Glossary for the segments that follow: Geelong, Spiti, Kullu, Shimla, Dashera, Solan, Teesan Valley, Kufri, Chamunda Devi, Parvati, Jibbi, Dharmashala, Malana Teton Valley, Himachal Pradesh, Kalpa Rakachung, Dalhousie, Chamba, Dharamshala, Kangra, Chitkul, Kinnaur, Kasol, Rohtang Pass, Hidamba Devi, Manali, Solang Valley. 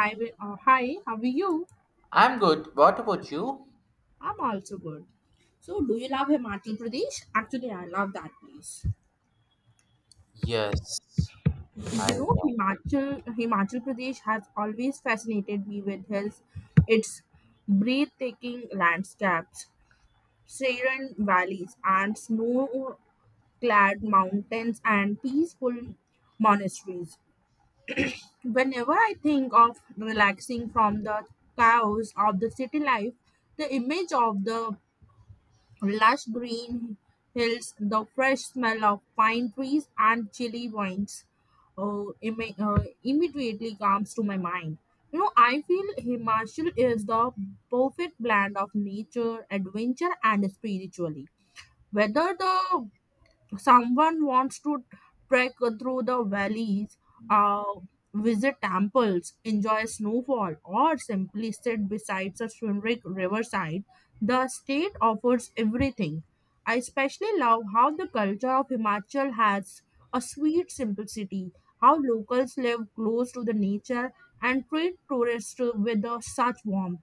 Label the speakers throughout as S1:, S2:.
S1: Hi, hi, how are you?
S2: I'm good. What about you?
S1: I'm also good. So, do you love Himachal Pradesh? Actually, I love that place.
S2: Yes,
S1: You
S2: I
S1: know, Himachal Pradesh has always fascinated me with hills, its breathtaking landscapes, serene valleys, and snow clad mountains and peaceful monasteries. Whenever I think of relaxing from the chaos of the city life, the image of the lush green hills, the fresh smell of pine trees and chilly winds immediately comes to my mind. You know, I feel Himachal is the perfect blend of nature, adventure, and spirituality. Whether the someone wants to trek through the valleys, uh, visit temples, enjoy snowfall, or simply sit beside a swimming riverside, the state offers everything. I especially love how the culture of Himachal has a sweet simplicity, how locals live close to the nature and treat tourists with such warmth.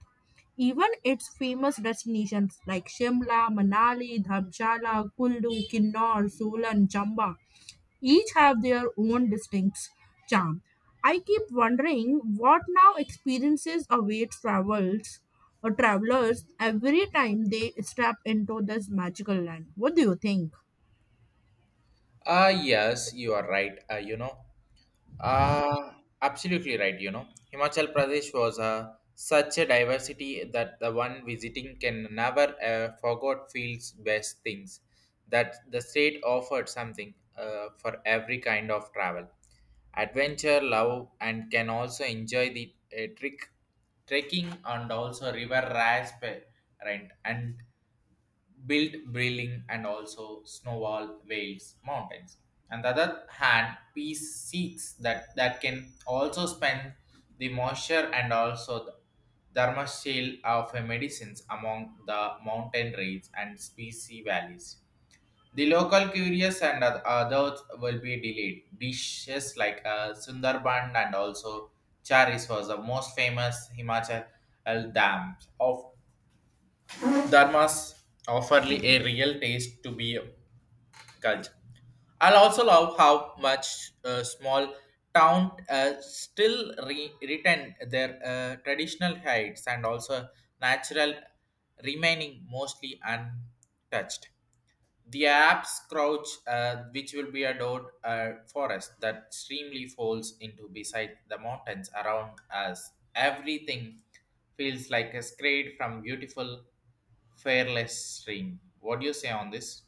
S1: Even its famous destinations like Shimla, Manali, Dharamshala, Kullu, Kinnaur, Solan, Chamba each have their own distinct charm. I keep wondering what now experiences await travels or travelers every time they step into this magical land. What do you think?
S2: ah, yes, you are right. Uh, absolutely right. You know, Himachal Pradesh was such a diversity that the one visiting can never forget feels best things. That the state offered something for every kind of travel, adventure, love, and can also enjoy the trick trekking and also river rafts rent and built Brilling and also Snowball Wales Mountains. On the other hand, peace seeks that, that can also spend the moisture and also the dharma shield of a medicines among the mountain ranges and species valleys. The local curious and others will be delayed. Dishes like Sundarban and also Charis was the most famous Himachal dams of Dharmas offer a real taste to be a culture. I'll also love how much small town still retain their traditional heights and also natural remaining mostly untouched. The apps crouch, which will be adored forest that streamly falls into beside the mountains around us. Everything feels like a scrape from beautiful Fairless ring. What do you say on this?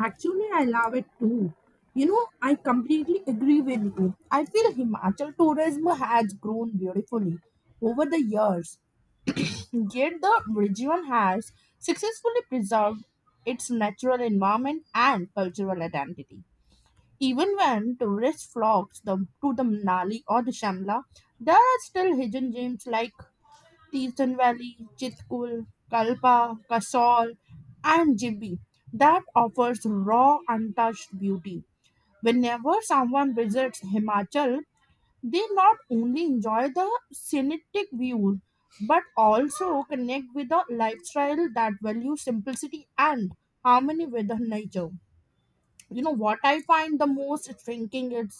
S1: Actually, I love it too. You know, I completely agree with you. I feel Himachal tourism has grown beautifully over the years. Yet the region has successfully preserved its natural environment and cultural identity. Even when tourists to the Manali or the Shimla, there are still hidden gems like Teesan Valley, Chitkul, Kalpa, Kasol, and Jibbi that offers raw, untouched beauty. Whenever someone visits Himachal, they not only enjoy the scenic views but also connect with a lifestyle that values simplicity and harmony with the nature. You know what I find the most intriguing is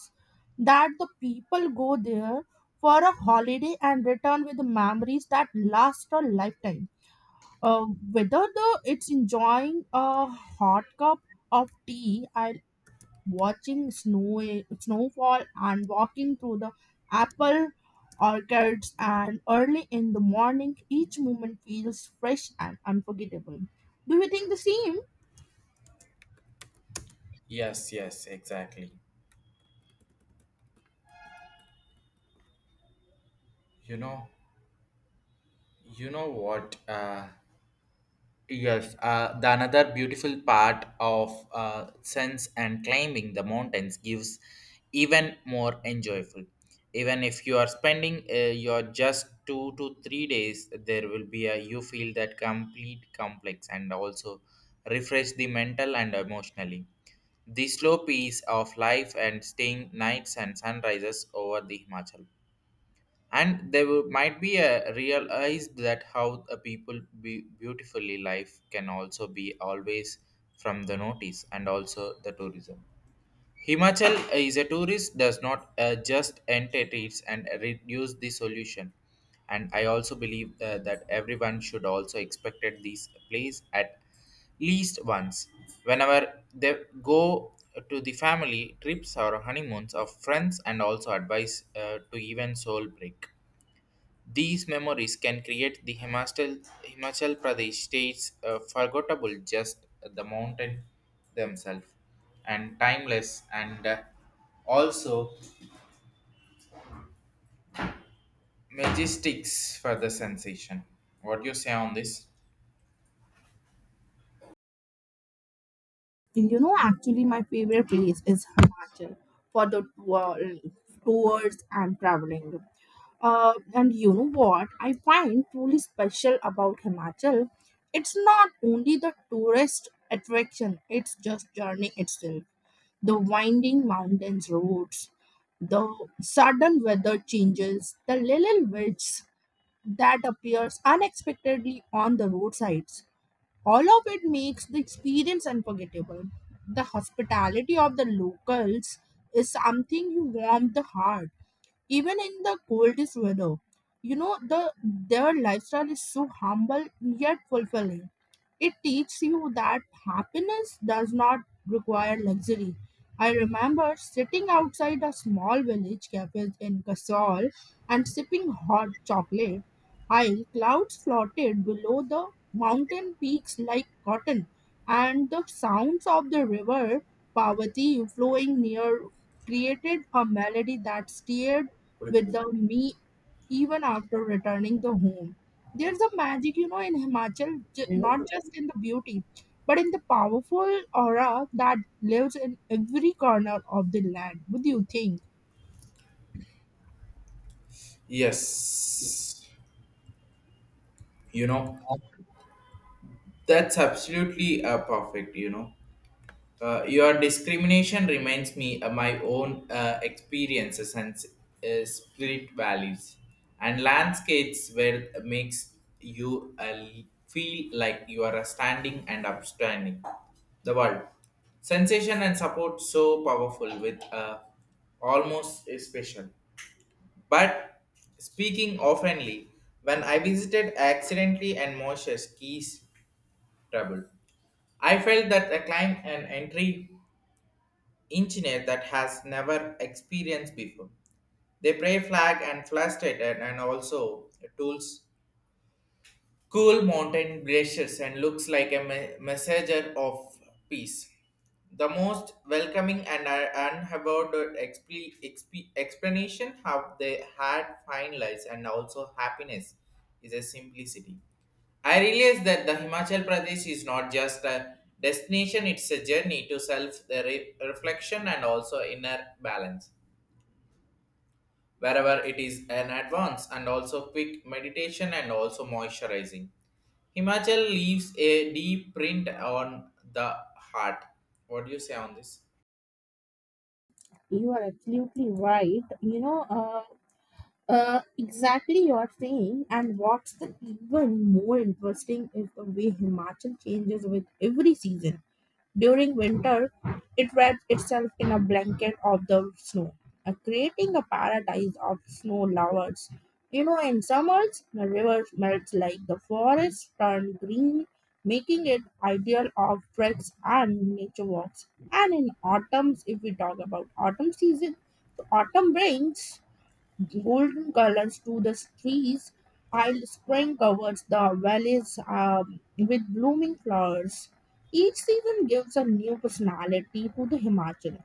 S1: that the people go there for a holiday and return with memories that last a lifetime. Uh, whether the it's enjoying a hot cup of tea I watching snowfall and walking through the apple orchards and early in the morning, each moment feels fresh and unforgettable. Do you think the same?
S2: Yes, yes, exactly. You know, you know what? Yes, the another beautiful part of sense and climbing the mountains gives even more enjoyable. Even if you are spending your just 2 to 3 days, there will be a you feel that complete complex and also refresh the mental and emotionally. The slow pace of life and staying nights and sunrises over the Himachal. And they will, might be a realized that how a people be beautifully life can also be always from the notice and also the tourism. Himachal is a tourist does not just entities and reduce the solution. And I also believe that everyone should also expected these place at least once. Whenever they go to the family trips or honeymoons of friends and also advice to even soul break. These memories can create the Himachal Pradesh state's forgettable just the mountain themselves and timeless and also majestics for the sensation. What do you say on this?
S1: You know, actually my favorite place is Himachal for the tours and traveling. And you know what I find truly special about Himachal? It's not only the tourist attraction, it's just journey itself. The winding mountains roads, the sudden weather changes, the little witches that appears unexpectedly on the roadsides. All of it makes the experience unforgettable. The hospitality of the locals is something you warm the heart even in the coldest weather. You know, their lifestyle is so humble yet fulfilling. It teaches you that happiness does not require luxury. I remember sitting outside a small village cafe in Kasol and sipping hot chocolate. High clouds floated below the mountain peaks like cotton, and the sounds of the river Parvati flowing near created a melody that stirred without me even after returning the home. There's a magic, you know, in Himachal, not just in the beauty, but in the powerful aura that lives in every corner of the land. What do you think?
S2: Yes, you know, that's absolutely perfect, you know. Your discrimination reminds me of my own experiences and spirit values and landscapes where makes you feel like you are standing and upstanding the world sensation and support so powerful with almost special but speaking oftenly when I visited accidentally and moshe's keys trouble. I felt that a climb and entry engineer that has never experienced before. They pray flag and frustrated and also tools cool mountain glaciers and looks like a messenger of peace. The most welcoming and unheralded explanation how they had fine lives and also happiness is a simplicity. I realize that the Himachal Pradesh is not just a destination, it's a journey to self the reflection and also inner balance wherever it is an advance and also quick meditation and also moisturizing. Himachal leaves a deep print on the heart. What do you say on this?
S1: You are absolutely right. You know, exactly you're saying, and what's the even more interesting is the way Himachal changes with every season. During winter, it wraps itself in a blanket of the snow, creating a paradise of snow lovers. You know, in summers, the river melts like the forests turn green, making it ideal of treks and nature walks. And in autumns, if we talk about autumn season, so autumn brings golden colors to the trees, while spring covers the valleys with blooming flowers. Each season gives a new personality to the Himachal,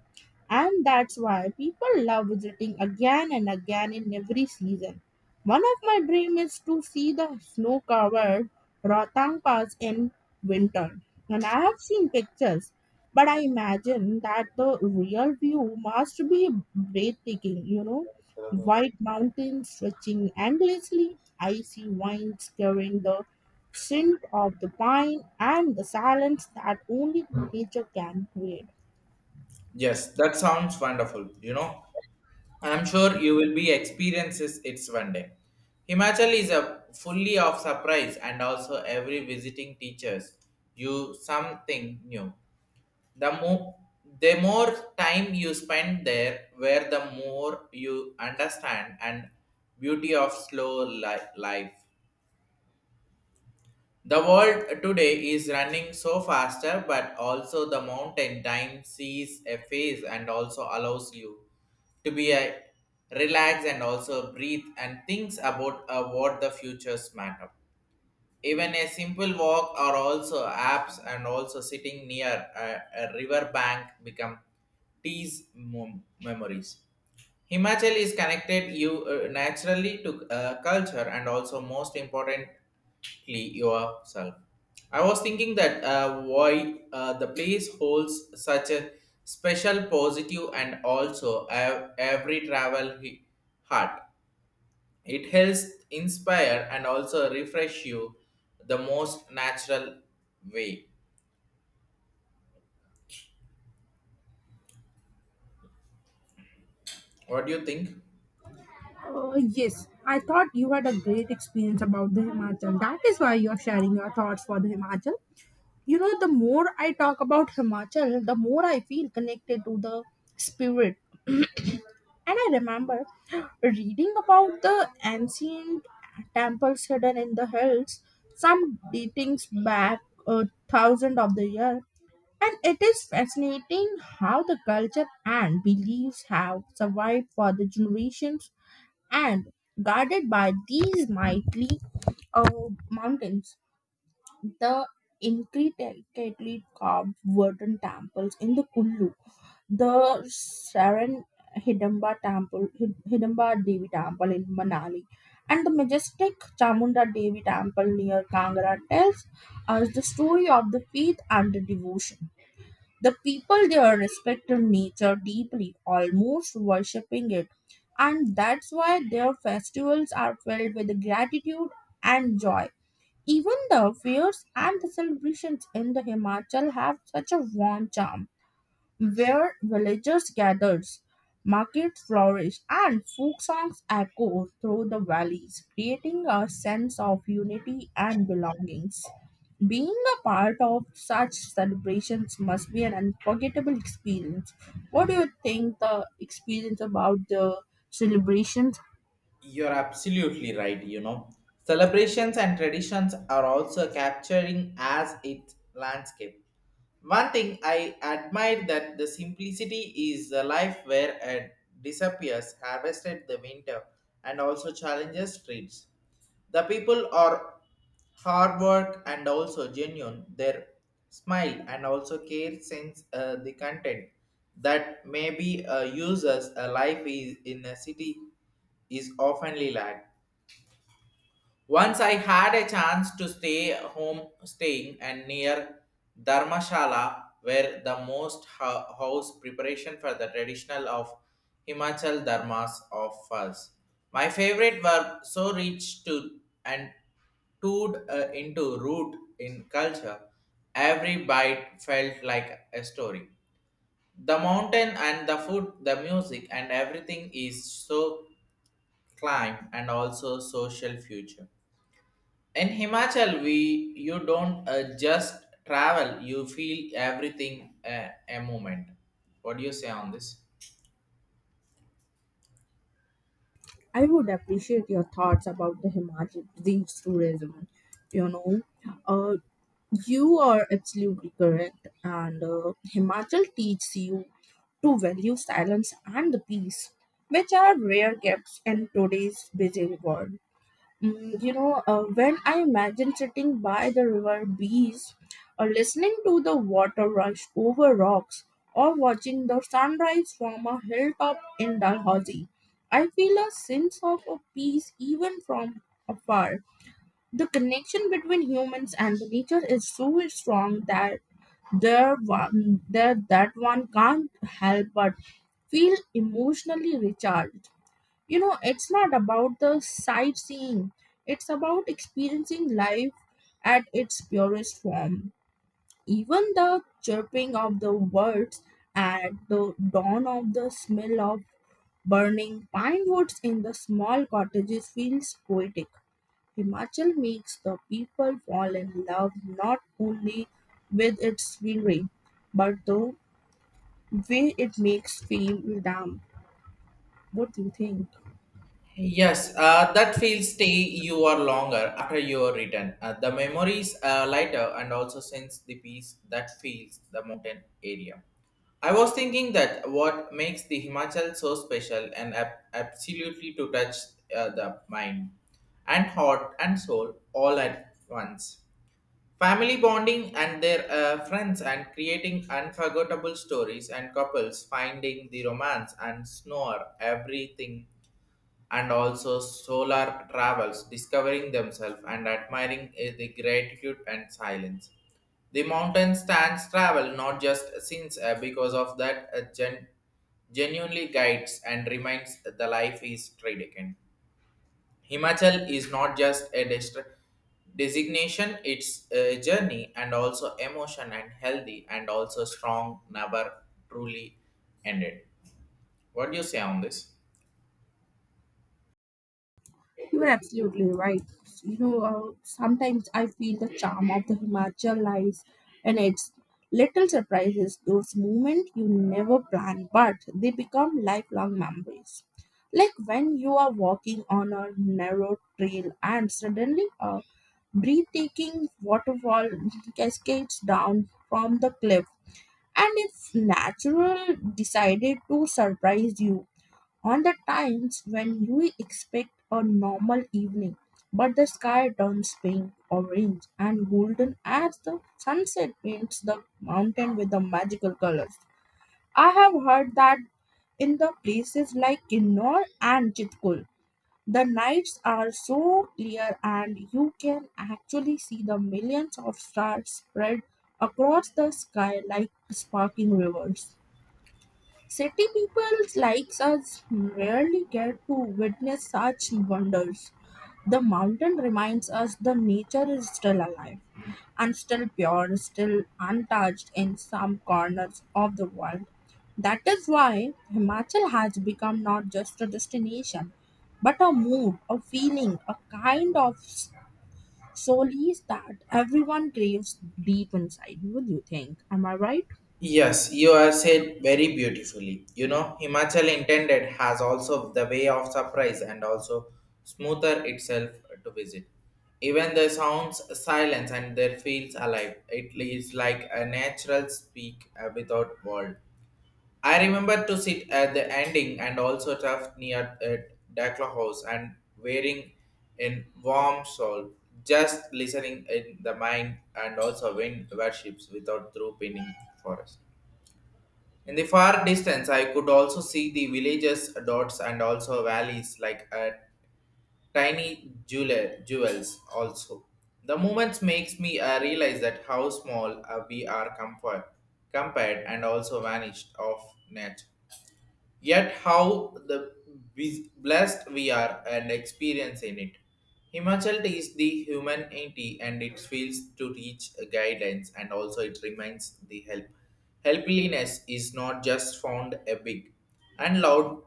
S1: and that's why people love visiting again and again in every season. One of my dreams is to see the snow covered Rohtang Pass in winter, and I have seen pictures. But I imagine that the real view must be breathtaking, you know, white mountains stretching endlessly, icy winds carrying the scent of the pine, and the silence that only nature can create.
S2: Yes, that sounds wonderful. You know, I'm sure you will be experiences it's one day. Himachal is a fully of surprise and also every visiting teaches you something new. the more the more time you spend there where the more you understand and beauty of slow life. The world today is running so faster but also the mountain time sees a phase and also allows you to be a relax and also breathe and thinks about what the futures matter. Even a simple walk or also apps and also sitting near a river bank become tease memories. Himachal is connected you naturally to culture and also most importantly yourself. I was thinking that why the place holds such a special positive and also every travel heart. It helps inspire and also refresh you the most natural way. What do you think?
S1: About the Himachal. That is why you are sharing your thoughts for the Himachal. You know, the more I talk about Himachal, the more I feel connected to the spirit. And I remember reading about the ancient temples hidden in the hills, some dating back a thousand of the year, and it is fascinating how the culture and beliefs have survived for the generations and guarded by these mighty uh, mountains. The intricately carved wooden temples in the Kullu, the Saran Hidamba temple, Hidamba Devi temple in Manali, and the majestic Chamunda Devi temple near Kangra tells us the story of the faith and the devotion. The people there respect nature deeply, almost worshipping it, and that's why their festivals are filled with gratitude and joy. Even the fairs and the celebrations in the Himachal have such a warm charm where villagers gathered, markets flourished, and folk songs echoed through the valleys, creating a sense of unity and belongings. Being a part of such celebrations must be an unforgettable experience. What do you think the experience about the celebrations?
S2: You're absolutely right, you know. Celebrations and traditions are also capturing as its landscape. One thing I admire that the simplicity is a life where it disappears, harvested the winter, and also challenges streets. The people are hard work and also genuine. Their smile and also care sense the content that maybe uses a life is in a city is oftenly lacked. Once I had a chance to stay home, staying and near Dharmashala, where the most house preparation for the traditional of Himachal Dharmas offers. My favorite were so rich to and toured into root in culture. Every bite felt like a story. The mountain and the food, the music and everything is so climb and also social future in himachal we you don't just travel you feel everything a moment. What do you say on this?
S1: I would appreciate your thoughts about the Himachal Pradesh tourism. You know, uh, You are absolutely correct, and Himachal teaches you to value silence and the peace, which are rare gifts in today's busy world. Mm, you know, when I imagine sitting by the river breeze, or listening to the water rush over rocks, or watching the sunrise from a hilltop in Dalhousie, I feel a sense of a peace even from afar. The connection between humans and the nature is so strong that that one can't help but feel emotionally recharged. You know, it's not about the sightseeing, it's about experiencing life at its purest form. Even the chirping of the birds at the dawn of the smell of burning pine woods in the small cottages feels poetic. Himachal makes the people fall in love not only with its scenery, but the way it makes feel damn. What do you think?
S2: Yes, that feels stay you are longer after your return. The memories are lighter and also sense the peace that feels the mountain area. I was thinking that what makes the Himachal so special and absolutely to touch the mind and heart and soul all at once. Family bonding and their friends and creating unforgettable stories and couples finding the romance and snore everything and also solar travels discovering themselves and admiring the gratitude and silence. The mountain stands travel not just since because of that genuinely guides and reminds that the life is trade again. Himachal is not just a designation, it's a journey and also emotion and healthy and also strong, never truly ended. What do you say on this?
S1: You're absolutely right. Sometimes I feel the charm of the Himachal lies in its little surprises, those moments you never plan, but they become lifelong memories. Like when you are walking on a narrow trail and suddenly a breathtaking waterfall cascades down from the cliff and its natural decided to surprise you on the times when you expect a normal evening, but the sky turns pink, orange, and golden as the sunset paints the mountain with the magical colors. I have heard that in the places like Kinnor and Chitkul. The nights are so clear, and you can actually see the millions of stars spread across the sky like sparkling rivers. City people like us rarely get to witness such wonders. The mountain reminds us the nature is still alive and still pure, still untouched in some corners of the world. That is why Himachal has become not just a destination, but a mood, a feeling, a kind of s- solace that everyone craves deep inside. What do you think? Am I right?
S2: Yes, you have said very beautifully. You know, Himachal intended has also the way of surprise and also smoother itself to visit. Even the sounds, silence, and their feels alive. It is like a natural speak without world. I remember to sit at the ending and also tough near at Dakla House and wearing in warm shawl, just listening in the mind and also wind worships without through pinning forest. In the far distance, I could also see the villages, dots, and also valleys like tiny jewels. Also, the moments makes me realize that how small we are comfort, compared and also vanished of nature, yet how the blessed we are and experience in it. Himachal is the humanity and it feels to reach a guidance and also it reminds the help. Helpliness is not just found a big and loud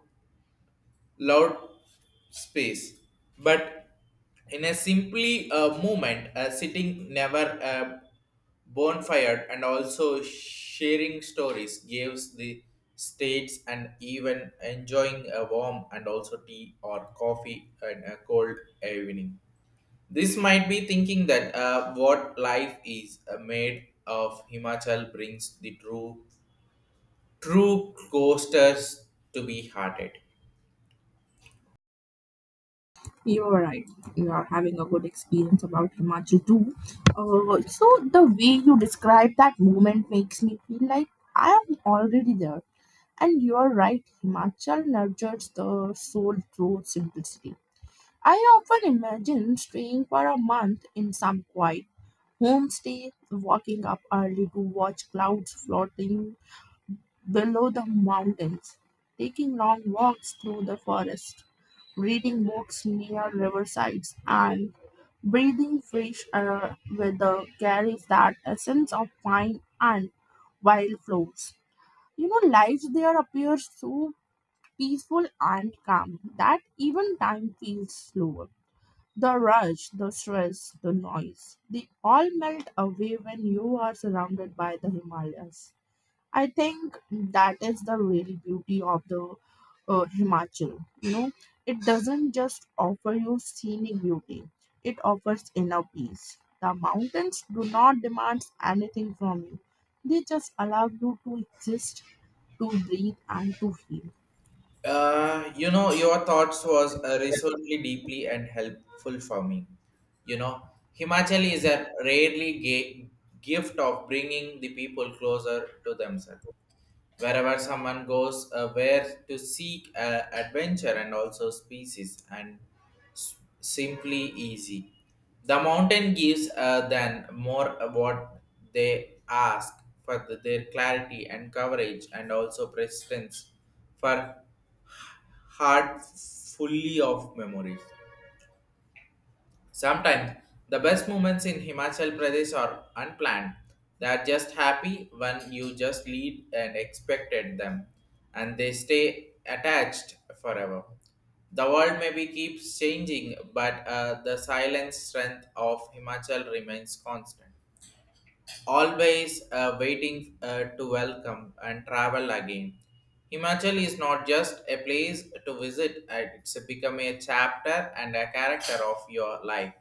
S2: loud space, but in a simply movement, sitting never bonfire and also sharing stories gives the states and even enjoying a warm and also tea or coffee and a cold evening. This might be thinking that what life is made of Himachal brings the true coasters to be hearted.
S1: You are right. You are having a good experience about Himachu too. So the way you describe that moment makes me feel like I am already there. And you are right. Himachal nurtures the soul through simplicity. I often imagine staying for a month in some quiet homestay, walking up early to watch clouds floating below the mountains, taking long walks through the forest, reading books near riversides, and breathing fresh air with the carries that essence of pine and wildflowers. You know, life there appears so peaceful and calm that even time feels slower. The rush, the stress, the noise, they all melt away when you are surrounded by the Himalayas. I think that is the real beauty of the Himachal. You know, it doesn't just offer you scenic beauty; it offers inner peace. The mountains do not demand anything from you; they just allow you to exist, to breathe, and to heal.
S2: You know, your thoughts was resolutely deeply and helpful for me. You know, Himachali is a rarely gift of bringing the people closer to themselves. Wherever someone goes, where to seek adventure and also species and simply easy. The mountain gives than more what they ask for their clarity and coverage and also persistence for heart fully of memories. Sometimes the best moments in Himachal Pradesh are unplanned. They are just happy when you just lead and expected them, and they stay attached forever. The world maybe keeps changing, but the silent strength of Himachal remains constant always waiting to welcome and travel again. Himachal is not just a place to visit, it's become a chapter and a character of your life.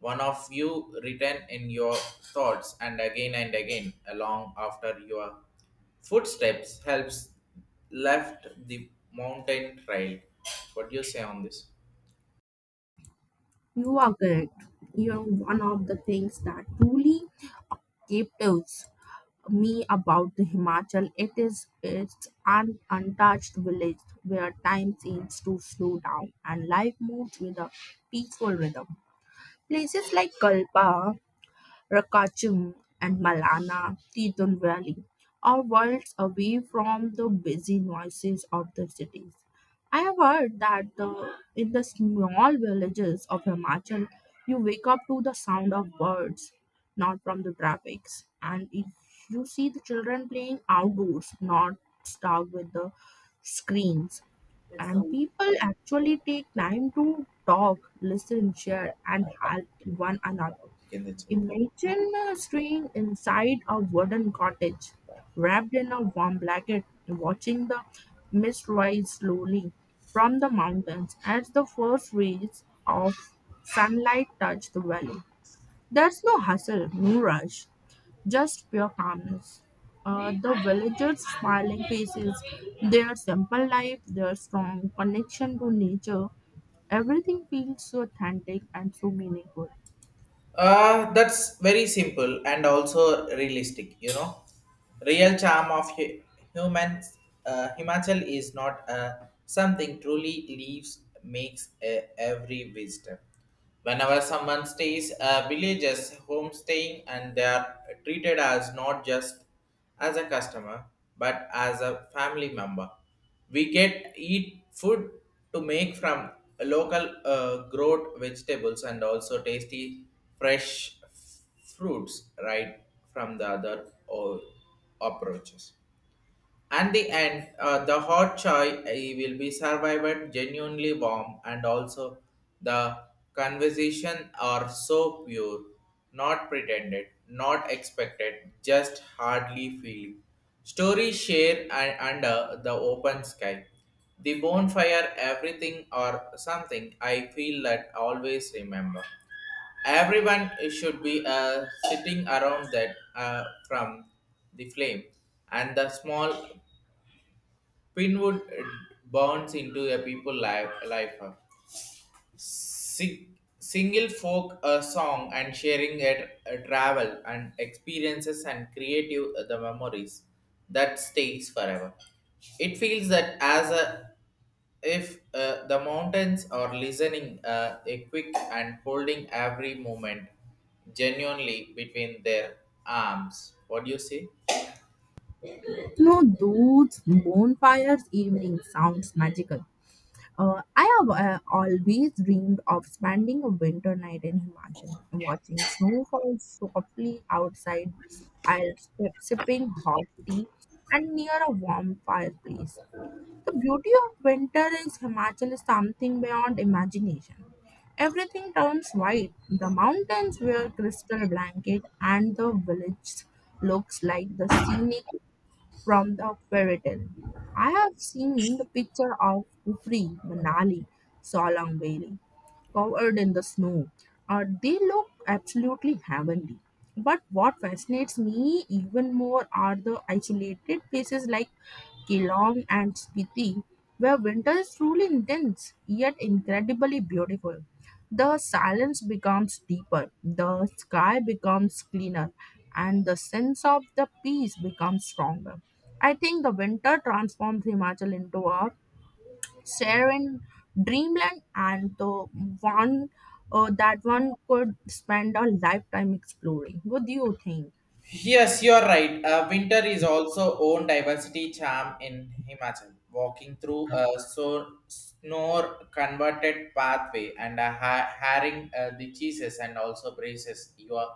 S2: One of you written in your thoughts and again along after your footsteps helps left the mountain trail. What do you say on this?
S1: You are correct. You are one of the things that truly captives me about the Himachal, it is its an untouched village where time seems to slow down and life moves with a peaceful rhythm. Places like Kalpa Rakachung, and Malana Teton Valley are worlds away from the busy noises of the cities. I have heard that the, in the small villages of Himachal, you wake up to the sound of birds, not from the traffics. And if you see the children playing outdoors, not stuck with the screens.
S2: That
S1: And
S2: sounds.
S1: people actually take time to talk, listen, share, and help one another.
S2: In this.
S1: Imagine staying inside a wooden cottage, wrapped in a warm blanket, watching the mist rise slowly from the mountains as the first rays of sunlight touch the valley. There's no hustle, no rush, just pure calmness. The villagers' smiling faces, their simple life, their strong connection to nature, everything feels so authentic and so meaningful.
S2: That's very simple and also realistic, you know. Real charm of humans, Himachal is not something truly leaves, makes every visitor. Whenever someone stays, villages homestaying and they are treated as not just as a customer, but as a family member. We get eat food to make from local growed vegetables and also tasty fresh fruits right from the other or approaches. And the end, the hot chai eh, will be survived genuinely warm, and also the conversation are so pure, not pretended, not expected, just hardly feeling. Stories share and under the open sky, the bonfire, everything or something. I feel that always remember everyone should be sitting around that from the flame and the small pinwood burns into a people life up sing, single folk a song and sharing it travel and experiences and creative the memories that stays forever. It feels that as a if the mountains are listening a quick and holding every moment genuinely between their arms. What do you say?
S1: You know, those bonfires evening sounds magical. I have always dreamed of spending a winter night in Himachal, watching snow fall softly outside, while sipping hot tea and near a warm fireplace. The beauty of winter is Himachal is something beyond imagination. Everything turns white. The mountains wear crystal blanket, and the village looks like the scenic from the fairy tale. I have seen the picture of Kufri, Manali, Solang Valley, covered in the snow. They look absolutely heavenly. But what fascinates me even more are the isolated places like Geelong and Spiti, where winter is truly intense yet incredibly beautiful. The silence becomes deeper, the sky becomes cleaner, and the sense of the peace becomes stronger. I think the winter transforms Himachal into a serene dreamland, and the one one could spend a lifetime exploring. What do you think?
S2: Yes, you're right. Winter is also own diversity charm in Himachal. Walking through a so snow converted pathway and a haring the cheeses and also braces you are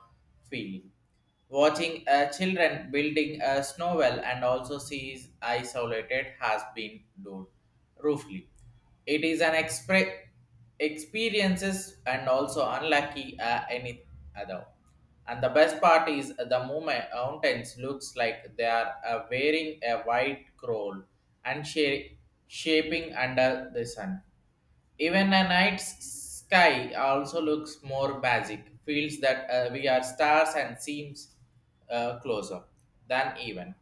S2: feeling. Watching children building a snow well and also sees isolated has been done roofly. It is an experiences and also unlucky any other. And the best part is the moment mountains looks like they are wearing a white cowl and shaping under the sun. Even a night sky also looks more magic, feels that we are stars and seems closer than even.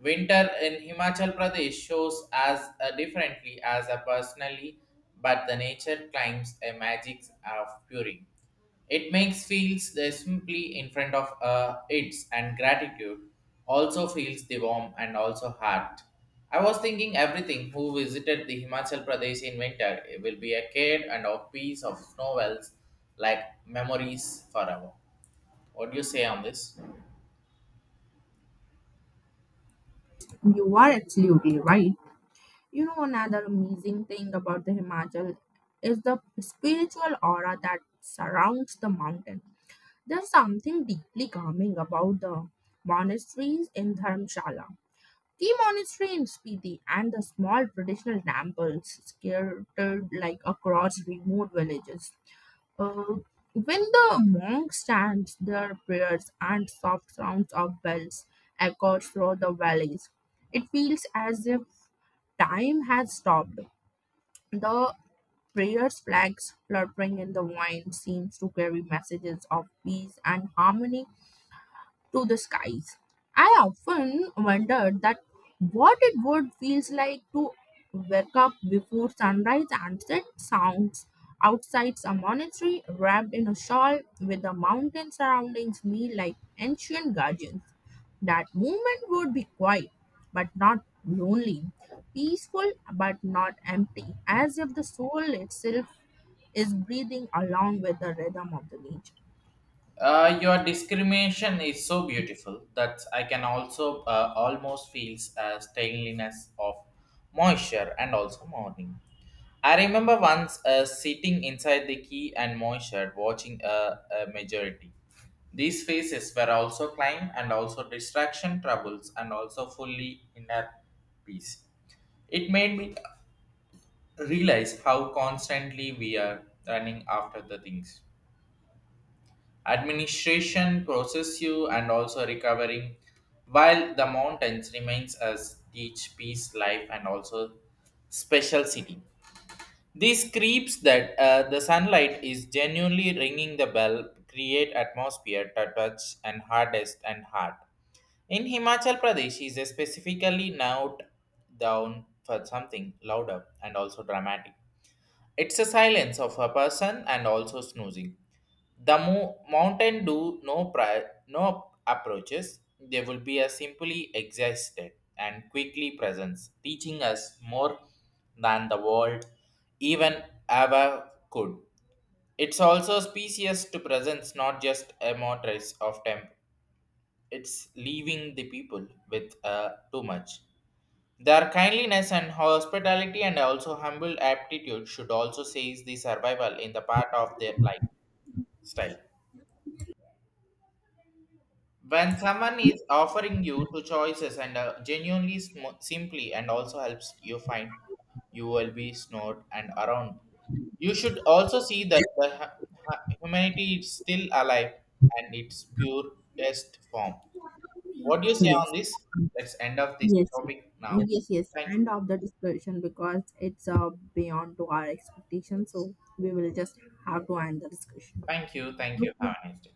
S2: Winter in Himachal Pradesh shows as differently as a personally, but the nature climbs a magic of purring. It makes feels they simply in front of its and gratitude also feels the warm and also heart. I was thinking everything who visited the Himachal Pradesh in winter it will be a cave and a piece of novels like memories forever. What do you say on this?
S1: You are absolutely right. You know, another amazing thing about the Himachal is the spiritual aura that surrounds the mountain. There's something deeply calming about the monasteries in Dharamshala. The monastery in Spiti and the small traditional temples scattered like across remote villages. Uh, when the monks chant their prayers and soft sounds of bells echo through the valleys, it feels as if time has stopped. The prayers flags fluttering in the wind seems to carry messages of peace and harmony to the skies. I often wondered that what it would feels like to wake up before sunrise and set sounds outside some monastery wrapped in a shawl with the mountain surrounding me like ancient guardians. That moment would be quiet but not lonely, peaceful but not empty, as if the soul itself is breathing along with the rhythm of the nature.
S2: Your discrimination is so beautiful that I can also almost feels a stainliness of moisture and also morning. I remember once sitting inside the key and moisture watching a majority. These faces were also climb and also distraction troubles and also fully inner peace. It made me realize how constantly we are running after the things administration process you and also recovering while the mountains remains as each piece life and also special city these creeps that the sunlight is genuinely ringing the bell create atmosphere to touch and hardest and hard in himachal pradesh is specifically now down for something louder and also dramatic. It's a silence of a person and also snoozing. The mountain do no no approaches. They will be a simply existed and quickly presence, teaching us more than the world even ever could. It's also species to presence, not just a motorist of temp. It's leaving the people with too much. Their kindliness and hospitality and also humble aptitude should also seize the survival in the part of their lifestyle. When someone is offering you two choices and genuinely simply and also helps you find, you will be snored and around. You should also see that the humanity is still alive and its purest form. What do you say
S1: Yes.
S2: on this? Let's end of this
S1: Yes,
S2: topic now.
S1: Yes,
S2: Thank you.
S1: End of the discussion because it's beyond to our expectation. So we will just have to end the discussion.
S2: Thank you. Thank you.
S1: Okay.
S2: Have a nice day.